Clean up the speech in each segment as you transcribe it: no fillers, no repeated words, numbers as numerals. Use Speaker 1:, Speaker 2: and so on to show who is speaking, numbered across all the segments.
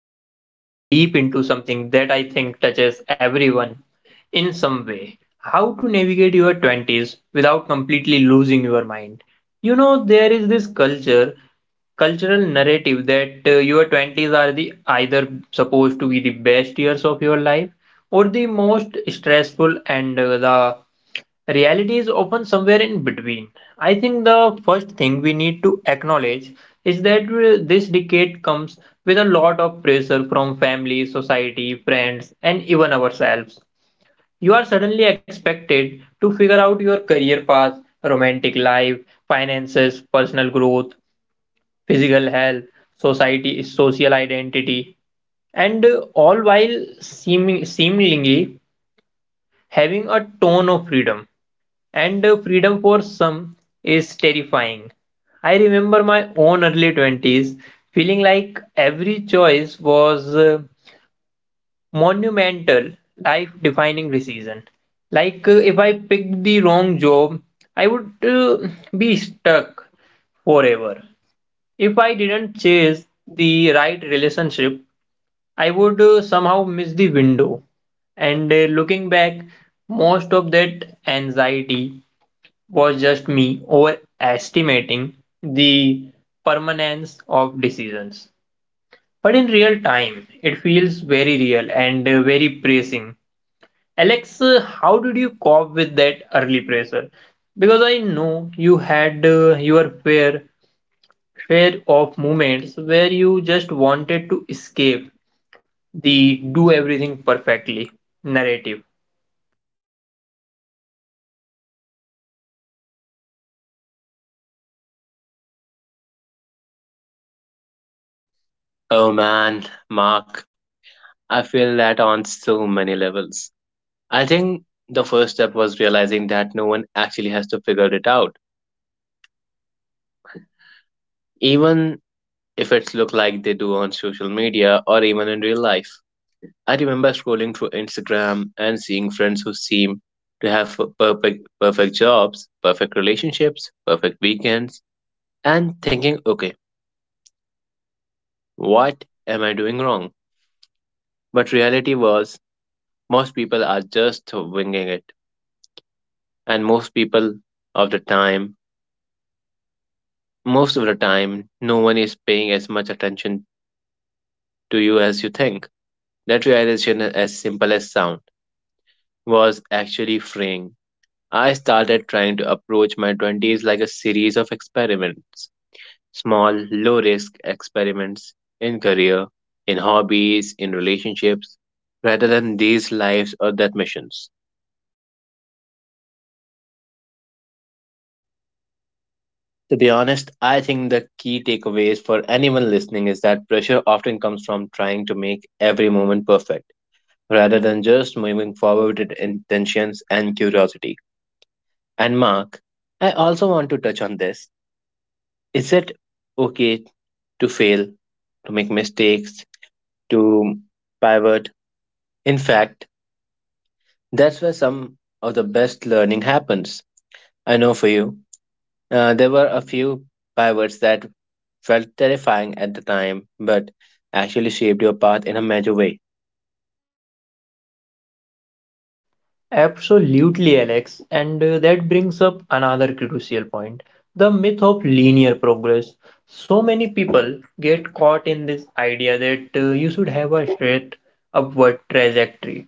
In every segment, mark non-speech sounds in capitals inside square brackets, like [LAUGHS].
Speaker 1: we are diving deep into something that I think touches everyone in some way, how to navigate your 20s without completely losing your mind. You know, there is this culture cultural narrative that your 20s are the either supposed to be the best years of your life or the most stressful, and the reality is often somewhere in between. I think the first thing we need to acknowledge is that this decade comes with a lot of pressure from family, society, friends, and even ourselves. You are suddenly expected to figure out your career path, romantic life, finances, personal growth, physical health, society social identity, and all while seemingly having a ton of freedom. And freedom for some is terrifying. I remember my own early 20s, feeling like every choice was monumental, life defining decision. Like, if I picked the wrong job, I would be stuck forever. If I didn't chase the right relationship, I would somehow miss the window. And looking back, most of that anxiety was just me overestimating the permanence of decisions. But in real time, it feels very real and very pressing. Alex, how did you cope with that early pressure? Because I know you had your fair share of moments where you just wanted to escape the do everything perfectly narrative.
Speaker 2: Oh man, Mark, I feel that on so many levels. I think the first step was realizing that no one actually has to figure it out, even if it's look like they do on social media or even in real life. I remember scrolling through Instagram and seeing friends who seem to have perfect jobs, perfect relationships, perfect weekends, and thinking, okay, what am I doing wrong? But reality was most people are just winging it, and of the time most of the time no one is paying as much attention to you as you think. That realization, as simple as sound, was actually freeing. I started trying to approach my 20s like a series of experiments, small low risk experiments in career, in hobbies, in relationships, rather than these lives or that missions. To be honest, I think the key takeaways for anyone listening is that pressure often comes from trying to make every moment perfect rather than just moving forward with intentions and curiosity. And Mark, I also want to touch on this. Is it okay to fail, to make mistakes, to pivot? In fact, that's where some of the best learning happens. I know for you, there were a few pivots that felt terrifying at the time, but actually shaped your path in a major way.
Speaker 1: Absolutely, Alex. And that brings up another crucial point, the myth of linear progress. So many people get caught in this idea that you should have a straight upward trajectory.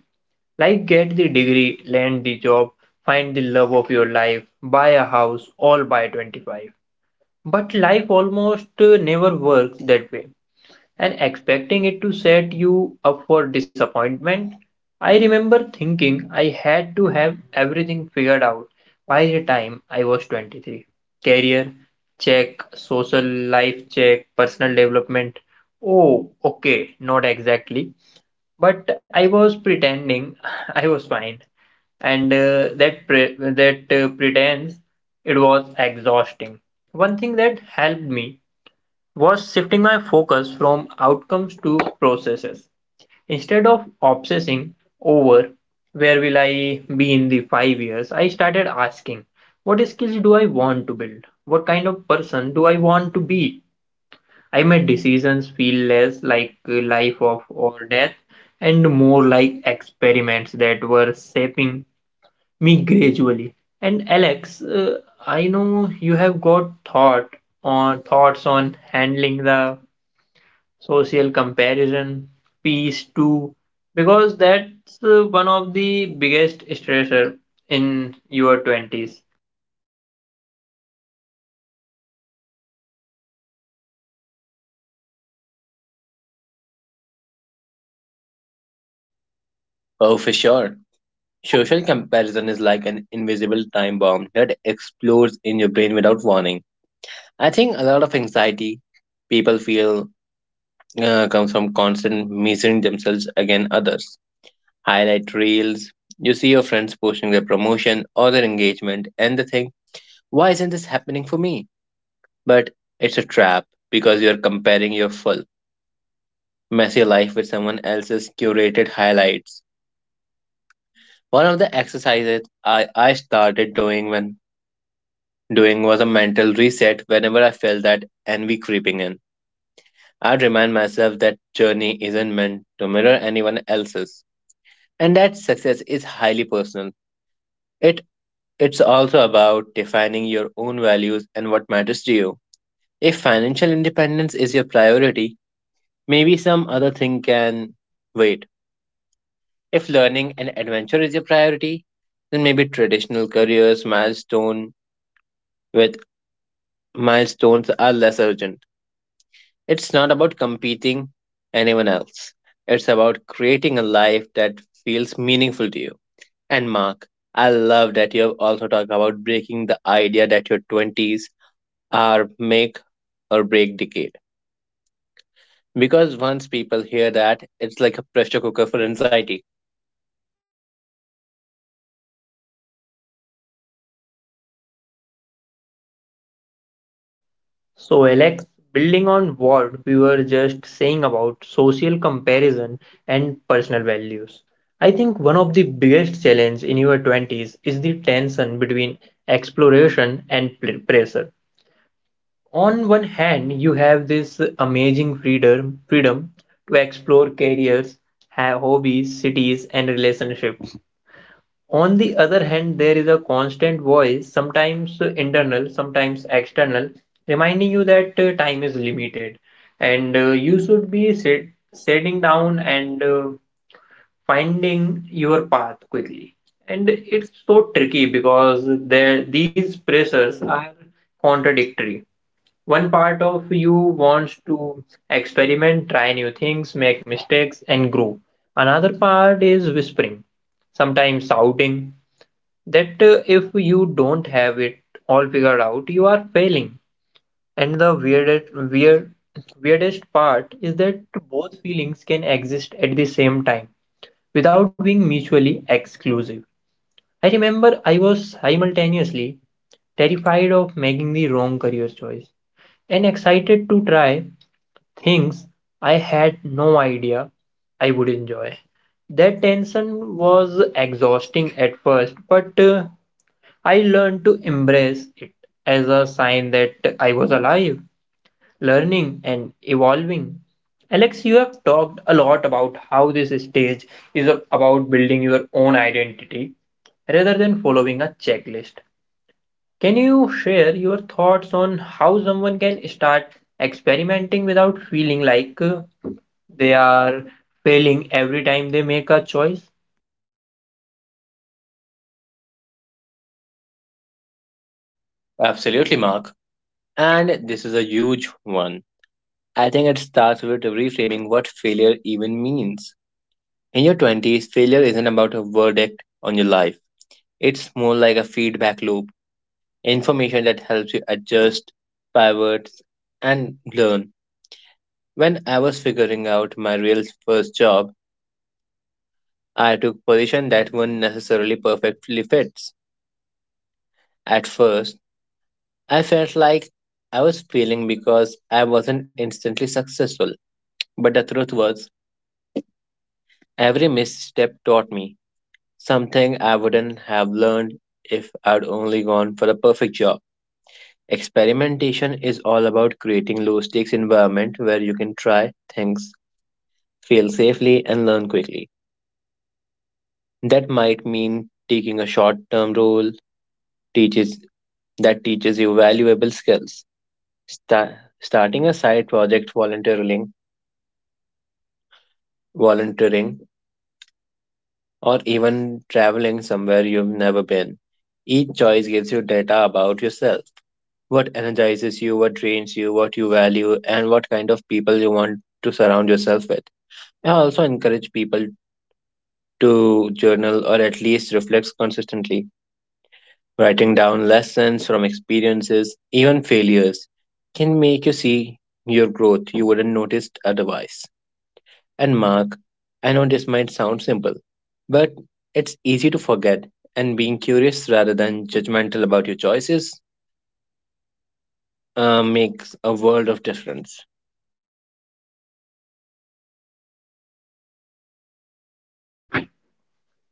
Speaker 1: Like, get the degree, land the job, find the love of your life, buy a house, all by 25. But life almost never works that way, and expecting it to set you up for disappointment. I remember thinking I had to have everything figured out by the time I was 23. Career, check. Social life, check. Personal development. Oh, okay, not exactly. But I was pretending [LAUGHS] I was fine, and that pretense, it was exhausting. One thing that helped me was shifting my focus from outcomes to processes. Instead of obsessing over where will I be in the 5 years, I started asking, what skills do I want to build? What kind of person do I want to be? I made decisions feel less like a life of or death and more like experiments that were shaping me gradually. And Alex, I know you have got thoughts on handling the social comparison, peace too, because that's one of the biggest stressor in your 20s.
Speaker 2: Oh, for sure. Social comparison is like an invisible time bomb that explodes in your brain without warning. I think a lot of anxiety people feel comes from constant measuring themselves against others. Highlight reels, you see your friends posting their promotion or their engagement, and the thing, why isn't this happening for me? But it's a trap because you're comparing your full messy life with someone else's curated highlights. One of the exercises I started doing when doing was a mental reset whenever I felt that envy creeping in. I'd remind myself that journey isn't meant to mirror anyone else's and that success is highly personal. It it's also about defining your own values and what matters to you. If financial independence is your priority, maybe some other thing can wait. If learning and adventure is your priority, then maybe traditional careers milestone with milestones are less urgent. It's not about competing anyone else. It's about creating a life that feels meaningful to you. And Mark, I love that you have also talk about breaking the idea that your 20s are make or break decade. Because once people hear that, it's like a pressure cooker for anxiety.
Speaker 1: So, Alex, building on what we were just saying about social comparison and personal values, I think one of the biggest challenge in your 20s is the tension between exploration and pressure. On one hand, you have this amazing freedom to explore careers, hobbies, cities, and relationships. On the other hand, there is a constant voice, sometimes internal, sometimes external, reminding you that time is limited and you should be sitting down and finding your path quickly. And it's so tricky because there these pressures are contradictory. One part of you wants to experiment, try new things, make mistakes, and grow. Another part is whispering, sometimes shouting, that if you don't have it all figured out, you are failing. And the weirdest part is that both feelings can exist at the same time without being mutually exclusive. I remember I was simultaneously terrified of making the wrong career choice and excited to try things I had no idea I would enjoy. That tension was exhausting at first, but I learned to embrace it as a sign that I was alive, learning, and evolving. Alex, you have talked a lot about how this stage is about building your own identity rather than following a checklist. Can you share your thoughts on how someone can start experimenting without feeling like they are failing every time they make a choice?
Speaker 2: Absolutely, Mark. And this is a huge one. I think it starts with reframing what failure even means. In your 20s, failure isn't about a verdict on your life, it's more like a feedback loop, information that helps you adjust, pivot, and learn. When I was figuring out my real first job, I took position that weren't necessarily perfectly fits. At first, I felt like I was failing because I wasn't instantly successful, but the truth was, every misstep taught me something I wouldn't have learned if I'd only gone for the perfect job. Experimentation is all about creating low stakes environment where you can try things, fail safely, and learn quickly. That might mean taking a short term role teaches that teaches you valuable skills. Sta- starting a side project, volunteering, or even traveling somewhere you've never been. Each choice gives you data about yourself. What energizes you, what drains you, what you value, and what kind of people you want to surround yourself with. I also encourage people to journal or at least reflect consistently. Writing down lessons from experiences, even failures, can make you see your growth you wouldn't notice otherwise. And Mark, I know this might sound simple, but it's easy to forget, and being curious rather than judgmental about your choices makes a world of difference.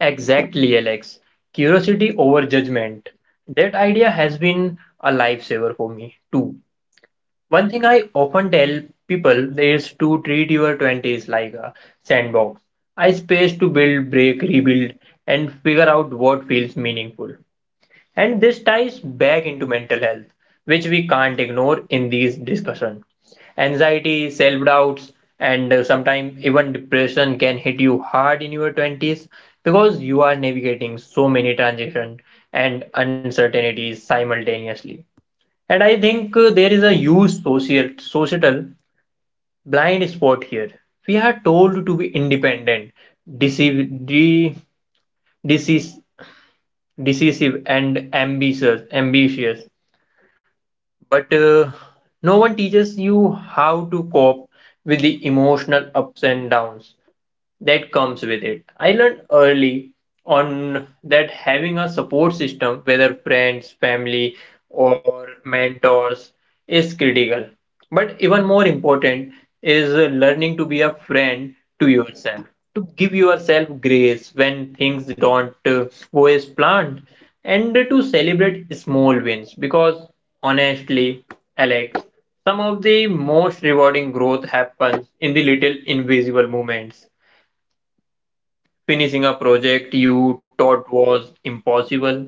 Speaker 1: Exactly, Alex. Curiosity over judgment. That idea has been a lifesaver for me, too. One thing I often tell people is to treat your 20s like a sandbox, a space to build, break, rebuild, and figure out what feels meaningful. And this ties back into mental health, which we can't ignore in these discussions. Anxiety, self doubts, and sometimes even depression can hit you hard in your 20s because you are navigating so many transitions and uncertainties simultaneously. And I think there is a huge societal blind spot here. We are told to be independent, deceive, de, deceive, decisive, and ambitious, but no one teaches you how to cope with the emotional ups and downs that comes with it. I learned early on that having a support system, whether friends, family, or mentors, is critical. But even more important is learning to be a friend to yourself, to give yourself grace when things don't go as planned, and to celebrate small wins. Because honestly, Alex, some of the most rewarding growth happens in the little invisible moments. Finishing a project you thought was impossible,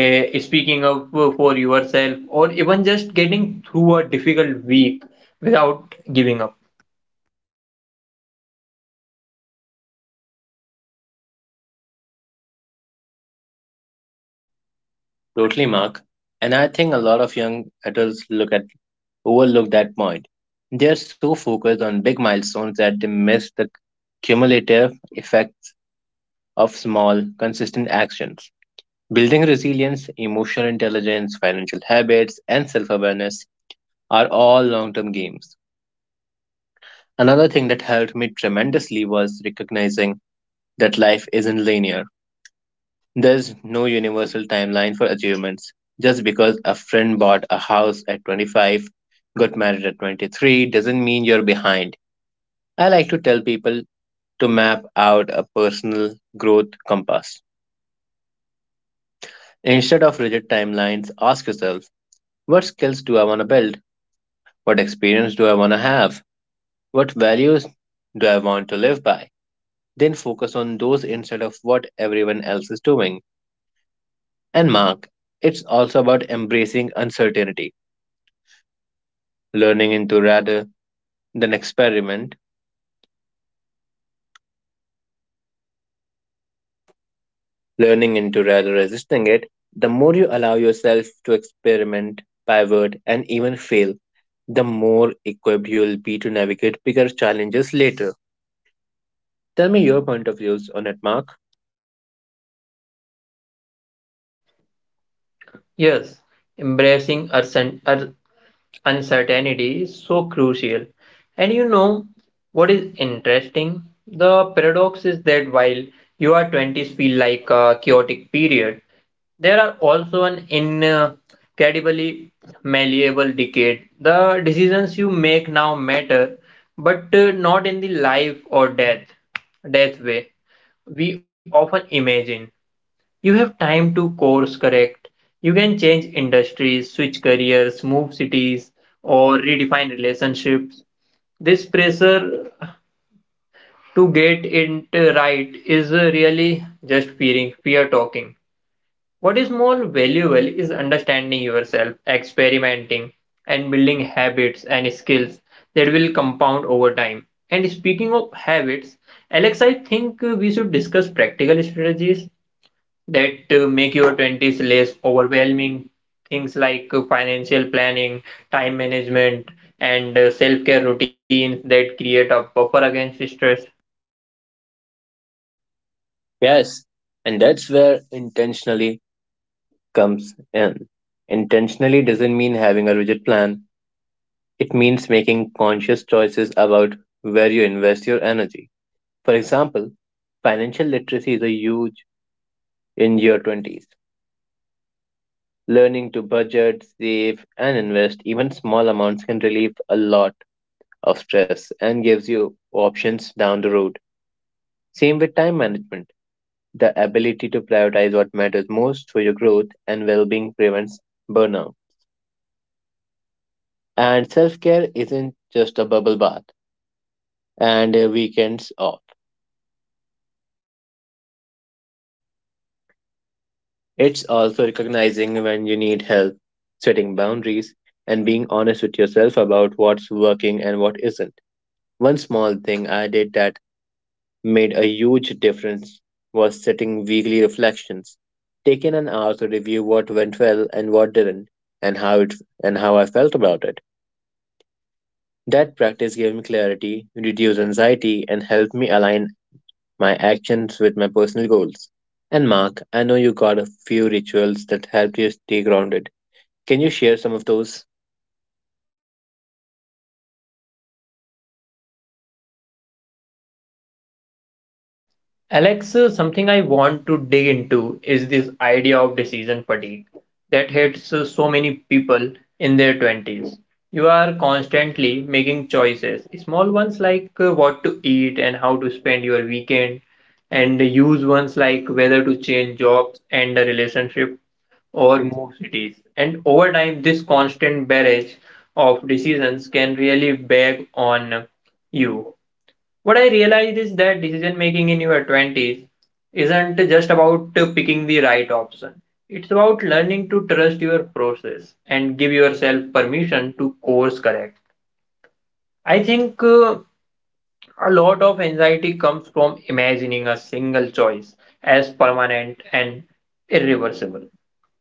Speaker 1: speaking up for yourself, or even just getting through a difficult week without giving up.
Speaker 2: Totally, Mark. And I think a lot of young adults look at overlook that point. They are so focused on big milestones that they miss the cumulative effects of small, consistent actions. Building resilience, emotional intelligence, financial habits, and self awareness are all long term games. Another thing that helped me tremendously was recognizing that life isn't linear. There's no universal timeline for achievements. Just because a friend bought a house at 25, got married at 23, doesn't mean you're behind. I like to tell people to map out a personal growth compass. Instead of rigid timelines, ask yourself, what skills do I want to build? What experience do I want to have? What values do I want to live by? Then focus on those instead of what everyone else is doing. And Mark, it's also about embracing uncertainty, learning into rather than experiment, learning into rather resisting it. The more you allow yourself to experiment, pivot, and even fail, the more equipped you'll be to navigate bigger challenges later. Tell me your point of views on it, Mark.
Speaker 1: Yes, embracing our uncertainty is so crucial. And you know what is interesting? The paradox is that while your 20s feel like a chaotic period, there are also an incredibly malleable decade. The decisions you make now matter, but not in the life or death way we often imagine. You have time to course correct. You can change industries, switch careers, move cities, or redefine relationships. This pressure to get it right is really just fear talking. What is more valuable is understanding yourself, experimenting, and building habits and skills that will compound over time. And speaking of habits, Alex, I think we should discuss practical strategies that make your 20s less overwhelming. Things like financial planning, time management, and self care routines that create a buffer against stress.
Speaker 2: Yes, and that's where intentionally comes in. Intentionally doesn't mean having a rigid plan, it means making conscious choices about where you invest your energy. For example, financial literacy is a huge in your 20s. Learning to budget, save, and invest even small amounts can relieve a lot of stress and gives you options down the road. Same with time management. The ability to prioritize what matters most for your growth and well being prevents burnout. And self care isn't just a bubble bath and weekends off, it's also recognizing when you need help, setting boundaries, and being honest with yourself about what's working and what isn't. One small thing I did that made a huge difference was setting weekly reflections, taking an hour to review what went well and what didn't, and how it and how I felt about it. That practice gave me clarity, reduced anxiety, and helped me align my actions with my personal goals. And Mark, I know you got a few rituals that helped you stay grounded. Can you share some of those?
Speaker 1: Alex, something I want to dig into is this idea of decision fatigue that hits so many people in their 20s. You are constantly making choices, small ones like what to eat and how to spend your weekend, and huge ones like whether to change jobs and a relationship, or move cities. And over time, this constant barrage of decisions can really bag on you. What I realized is that decision making in your 20s isn't just about picking the right option. It's about learning to trust your process and give yourself permission to course correct. I think a lot of anxiety comes from imagining a single choice as permanent and irreversible.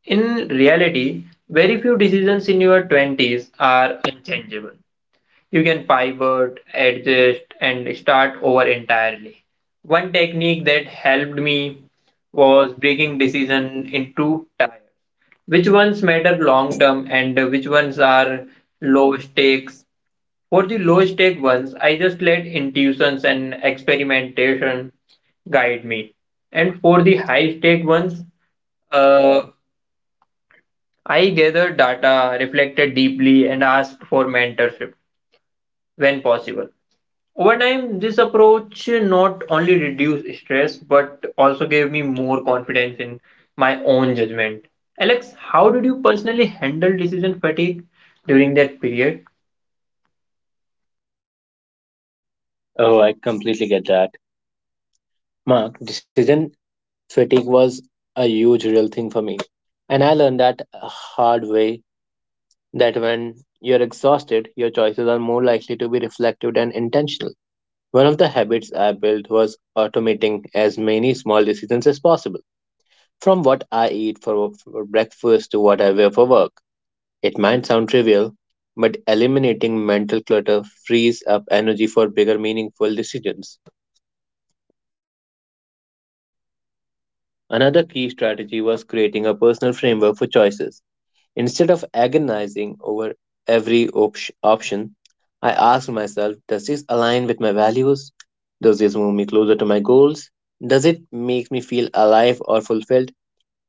Speaker 1: In reality, very few decisions in your 20s are unchangeable. You can pivot, adjust, and start over entirely. One technique that helped me was breaking decision into tiers. Which ones matter long term and which ones are low stakes? For the low stake ones, I just let intuitions and experimentation guide me. And for the high stake ones, uh, I gathered data, reflected deeply, and asked for mentorship when possible. Over time, this approach not only reduced stress but also gave me more confidence in my own judgment. Alex, how did you personally handle decision fatigue during that period?
Speaker 2: Oh, I completely get that. Mark, decision fatigue was a huge real thing for me. And I learned that a hard way that when you're exhausted, your choices are more likely to be reflective and intentional. One of the habits I built was automating as many small decisions as possible, from what I eat for breakfast to what I wear for work. It might sound trivial, but eliminating mental clutter frees up energy for bigger, meaningful decisions. Another key strategy was creating a personal framework for choices. Instead of agonizing over every option, I asked myself, does this align with my values? Does this move me closer to my goals? Does it make me feel alive or fulfilled?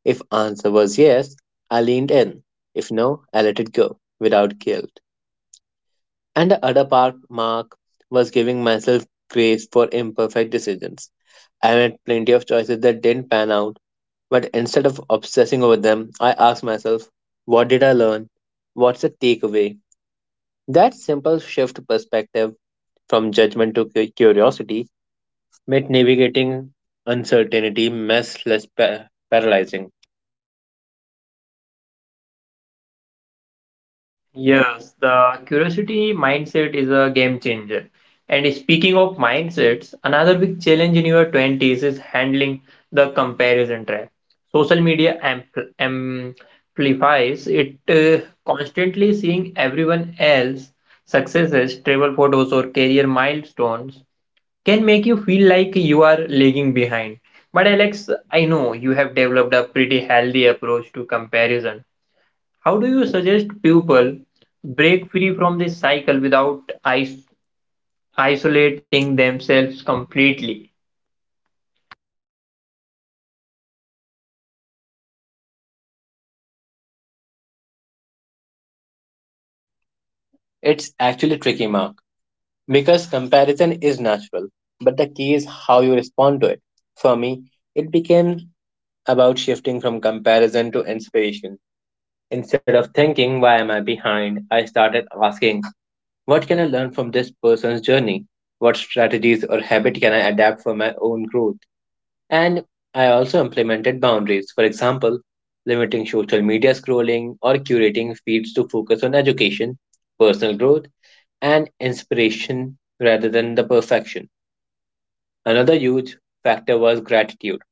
Speaker 2: If answer was yes, I leaned in. If no, I let it go without guilt. And the other part, Mark, was giving myself grace for imperfect decisions. I made plenty of choices that didn't pan out, but instead of obsessing over them, I ask myself, what did I learn? What's the takeaway? That simple shift perspective from judgment to curiosity made navigating uncertainty mess less paralyzing.
Speaker 1: Yes, the curiosity mindset is a game changer. And speaking of mindsets, another big challenge in your 20s is handling the comparison trap. Social media amplifies it, constantly seeing everyone else successes, travel photos, or career milestones can make you feel like you are lagging behind. But Alex, I know you have developed a pretty healthy approach to comparison. How do you suggest people break free from this cycle without is- isolating themselves completely?
Speaker 2: It's actually tricky, Mark, because comparison is natural, but the key is how you respond to it. For me, it became about shifting from comparison to inspiration. Instead of thinking, why am I behind? I started asking, what can I learn from this person's journey? What strategies or habit can I adapt for my own growth? And I also implemented boundaries, for example, limiting social media scrolling or curating feeds to focus on education, personal growth, and inspiration rather than the perfection. Another huge factor was gratitude,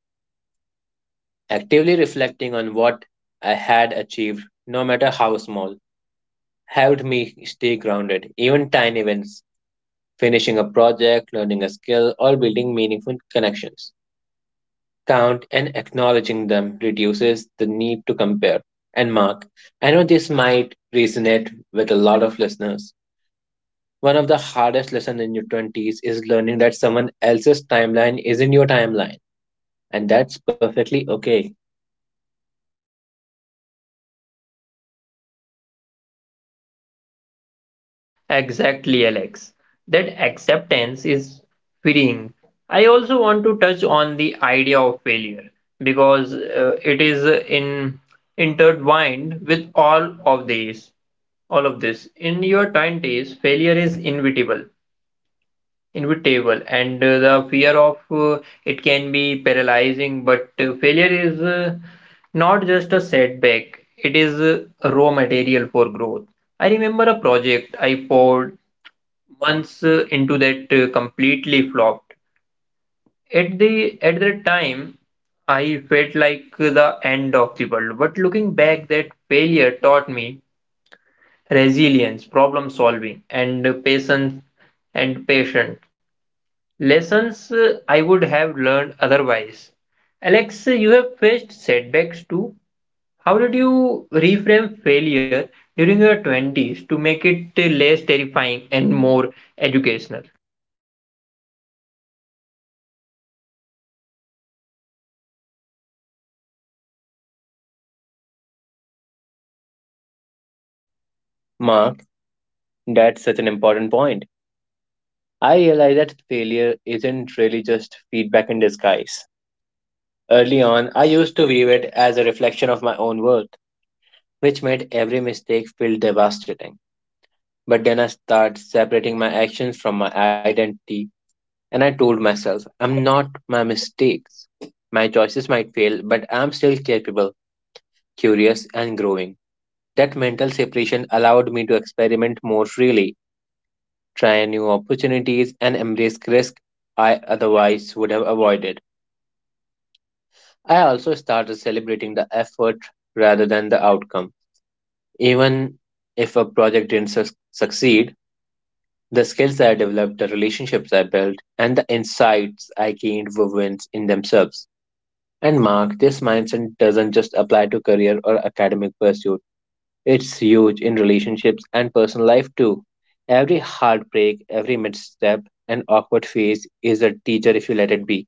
Speaker 2: actively reflecting on what I had achieved, no matter how small, helped me stay grounded. Even tiny wins, finishing a project, learning a skill, or building meaningful connections. Count and acknowledging them reduces the need to compare. And Mark, I know this might resonate with a lot of listeners. One of the hardest lessons in your 20s is learning that someone else's timeline isn't your timeline, and that's perfectly okay.
Speaker 1: Exactly, Alex. That acceptance is freeing. I also want to touch on the idea of failure because it is in intertwined with all of this. In your 20s, failure is inevitable, and the fear of it can be paralyzing, but failure is not just a setback, it is a raw material for growth. I remember a project I poured months into that completely flopped. At that time, I felt like the end of the world, but looking back, that failure taught me resilience, problem solving, and patience, lessons I would have learned otherwise. Alex, you have faced setbacks too. How did you reframe failure during your 20s to make it less terrifying and more educational?
Speaker 2: Mark, that's such an important point. I realize that failure isn't really just feedback in disguise. Early on, I used to view it as a reflection of my own worth, which made every mistake feel devastating. But then I started separating my actions from my identity, and I told myself, I'm not my mistakes. My choices might fail, but I'm still capable, curious, and growing. That mental separation allowed me to experiment more freely, try new opportunities, and embrace risks I otherwise would have avoided. I also started celebrating the effort rather than the outcome. Even if a project didn't succeed, the skills I developed, the relationships I built, and the insights I gained were wins in themselves. And Mark, this mindset doesn't just apply to career or academic pursuit. It's huge in relationships and personal life too. Every heartbreak, every misstep, and awkward phase is a teacher if you let it be.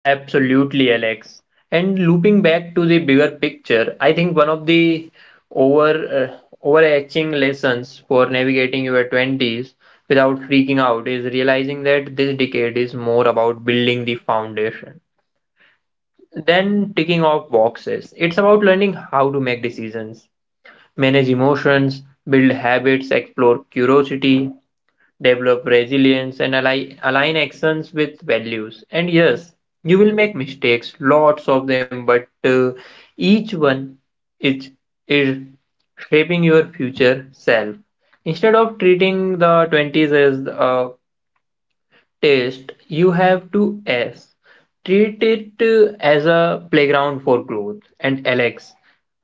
Speaker 1: Absolutely, Alex. And looping back to the bigger picture, I think one of the overarching lessons for navigating your 20s without freaking out is realizing that this decade is more about building the foundation than ticking off boxes. It's about learning how to make decisions, manage emotions, build habits, explore curiosity, develop resilience, and align actions with values. And yes, you will make mistakes, lots of them, but each one is, is shaping your future self. Instead of treating the 20s as a taste, you have to S. Treat it as a playground for growth. And Alex,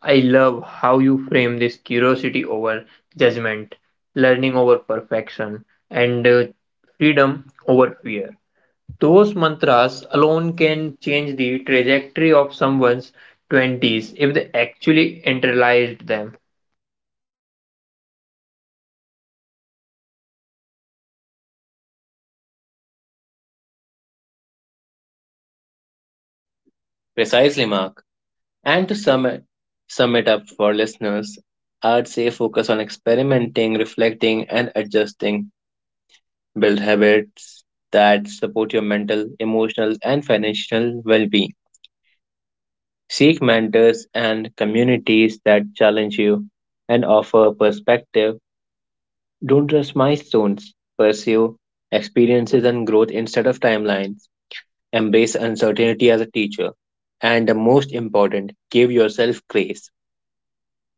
Speaker 1: I love how you frame this: curiosity over judgment, learning over perfection, and freedom over fear. Those mantras alone can change the trajectory of someone's 20s if they actually internalized them.
Speaker 2: Precisely, Mark. And to sum it up for listeners, I'd say focus on experimenting, reflecting, and adjusting. Build habits that support your mental, emotional, and financial well being. Seek mentors and communities that challenge you and offer perspective. Don't trust milestones. Pursue experiences and growth instead of timelines. Embrace uncertainty as a teacher. And the most important, give yourself grace.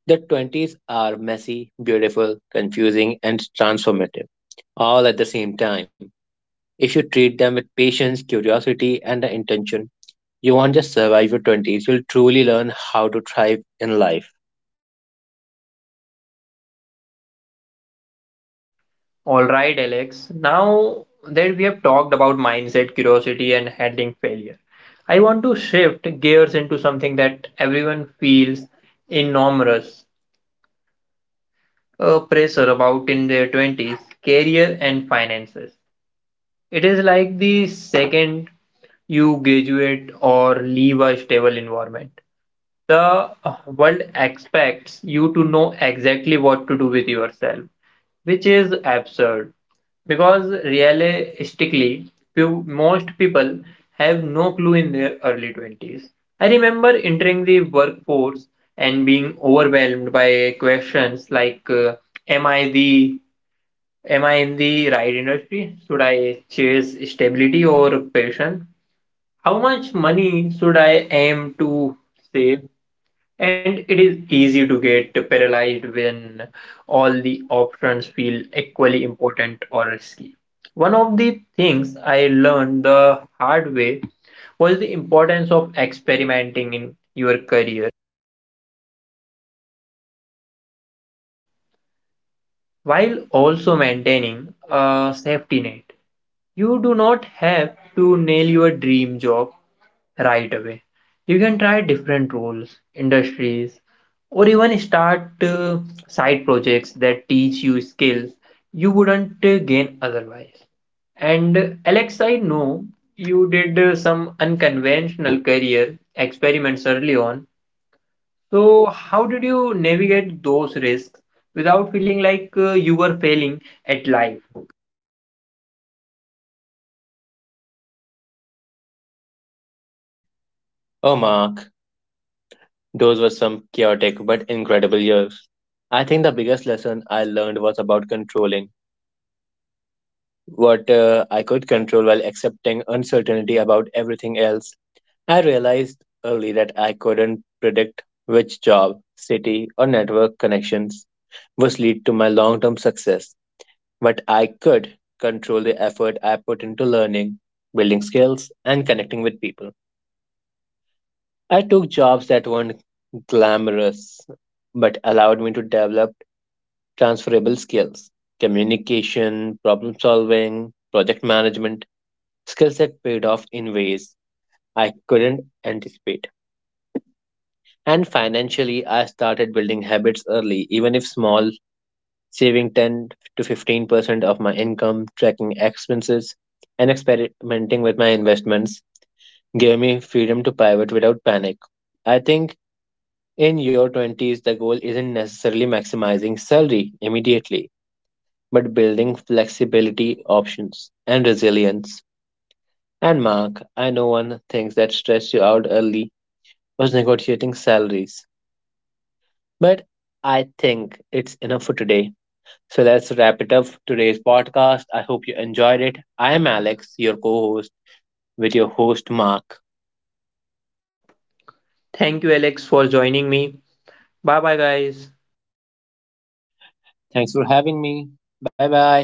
Speaker 2: The 20s are messy, beautiful, confusing, and transformative all at the same time. If you treat them with patience, curiosity, and the intention, you won't just survive your 20s, you'll truly learn how to thrive in life.
Speaker 1: All right, Alex. Now that we have talked about mindset, curiosity, and handling failure, I want to shift gears into something that everyone feels enormous pressure about in their 20s: career and finances. It is like the second you graduate or leave a stable environment, the world expects you to know exactly what to do with yourself, which is absurd. Because realistically, most people have no clue in their early 20s. I remember entering the workforce and being overwhelmed by questions like, am I the am I in the right industry? Should I chase stability or passion? How much money should I aim to save? And it is easy to get paralyzed when all the options feel equally important or risky. One of the things I learned the hard way was the importance of experimenting in your career while also maintaining a safety net. You do not have to nail your dream job right away. You can try different roles, industries, or even start side projects that teach you skills you wouldn't gain otherwise. And Alex, I know you did some unconventional career experiments early on. So, how did you navigate those risks without feeling like you were failing at life?
Speaker 2: Oh, Mark, those were some chaotic but incredible years. I think the biggest lesson I learned was about controlling what I could control while accepting uncertainty about everything else. I realized early that I couldn't predict which job, city, or network connections would lead to my long term success. But I could control the effort I put into learning, building skills, and connecting with people. I took jobs that weren't glamorous, but allowed me to develop transferable skills: communication, problem solving, project management, skills that paid off in ways I couldn't anticipate. And financially, I started building habits early, even if small, saving 10 to 15% of my income, tracking expenses, and experimenting with my investments gave me freedom to pivot without panic. I think in your 20s, the goal isn't necessarily maximizing salary immediately, but building flexibility, options, and resilience. And Mark, I know one thing that stressed you out early was negotiating salaries, but I think it's enough for today. So let's wrap it up today's podcast. I hope you enjoyed it. I am Alex, your co host, with your host, Mark.
Speaker 1: Thank you, Alex, for joining me. Bye bye, guys.
Speaker 2: Thanks for having me. Bye bye.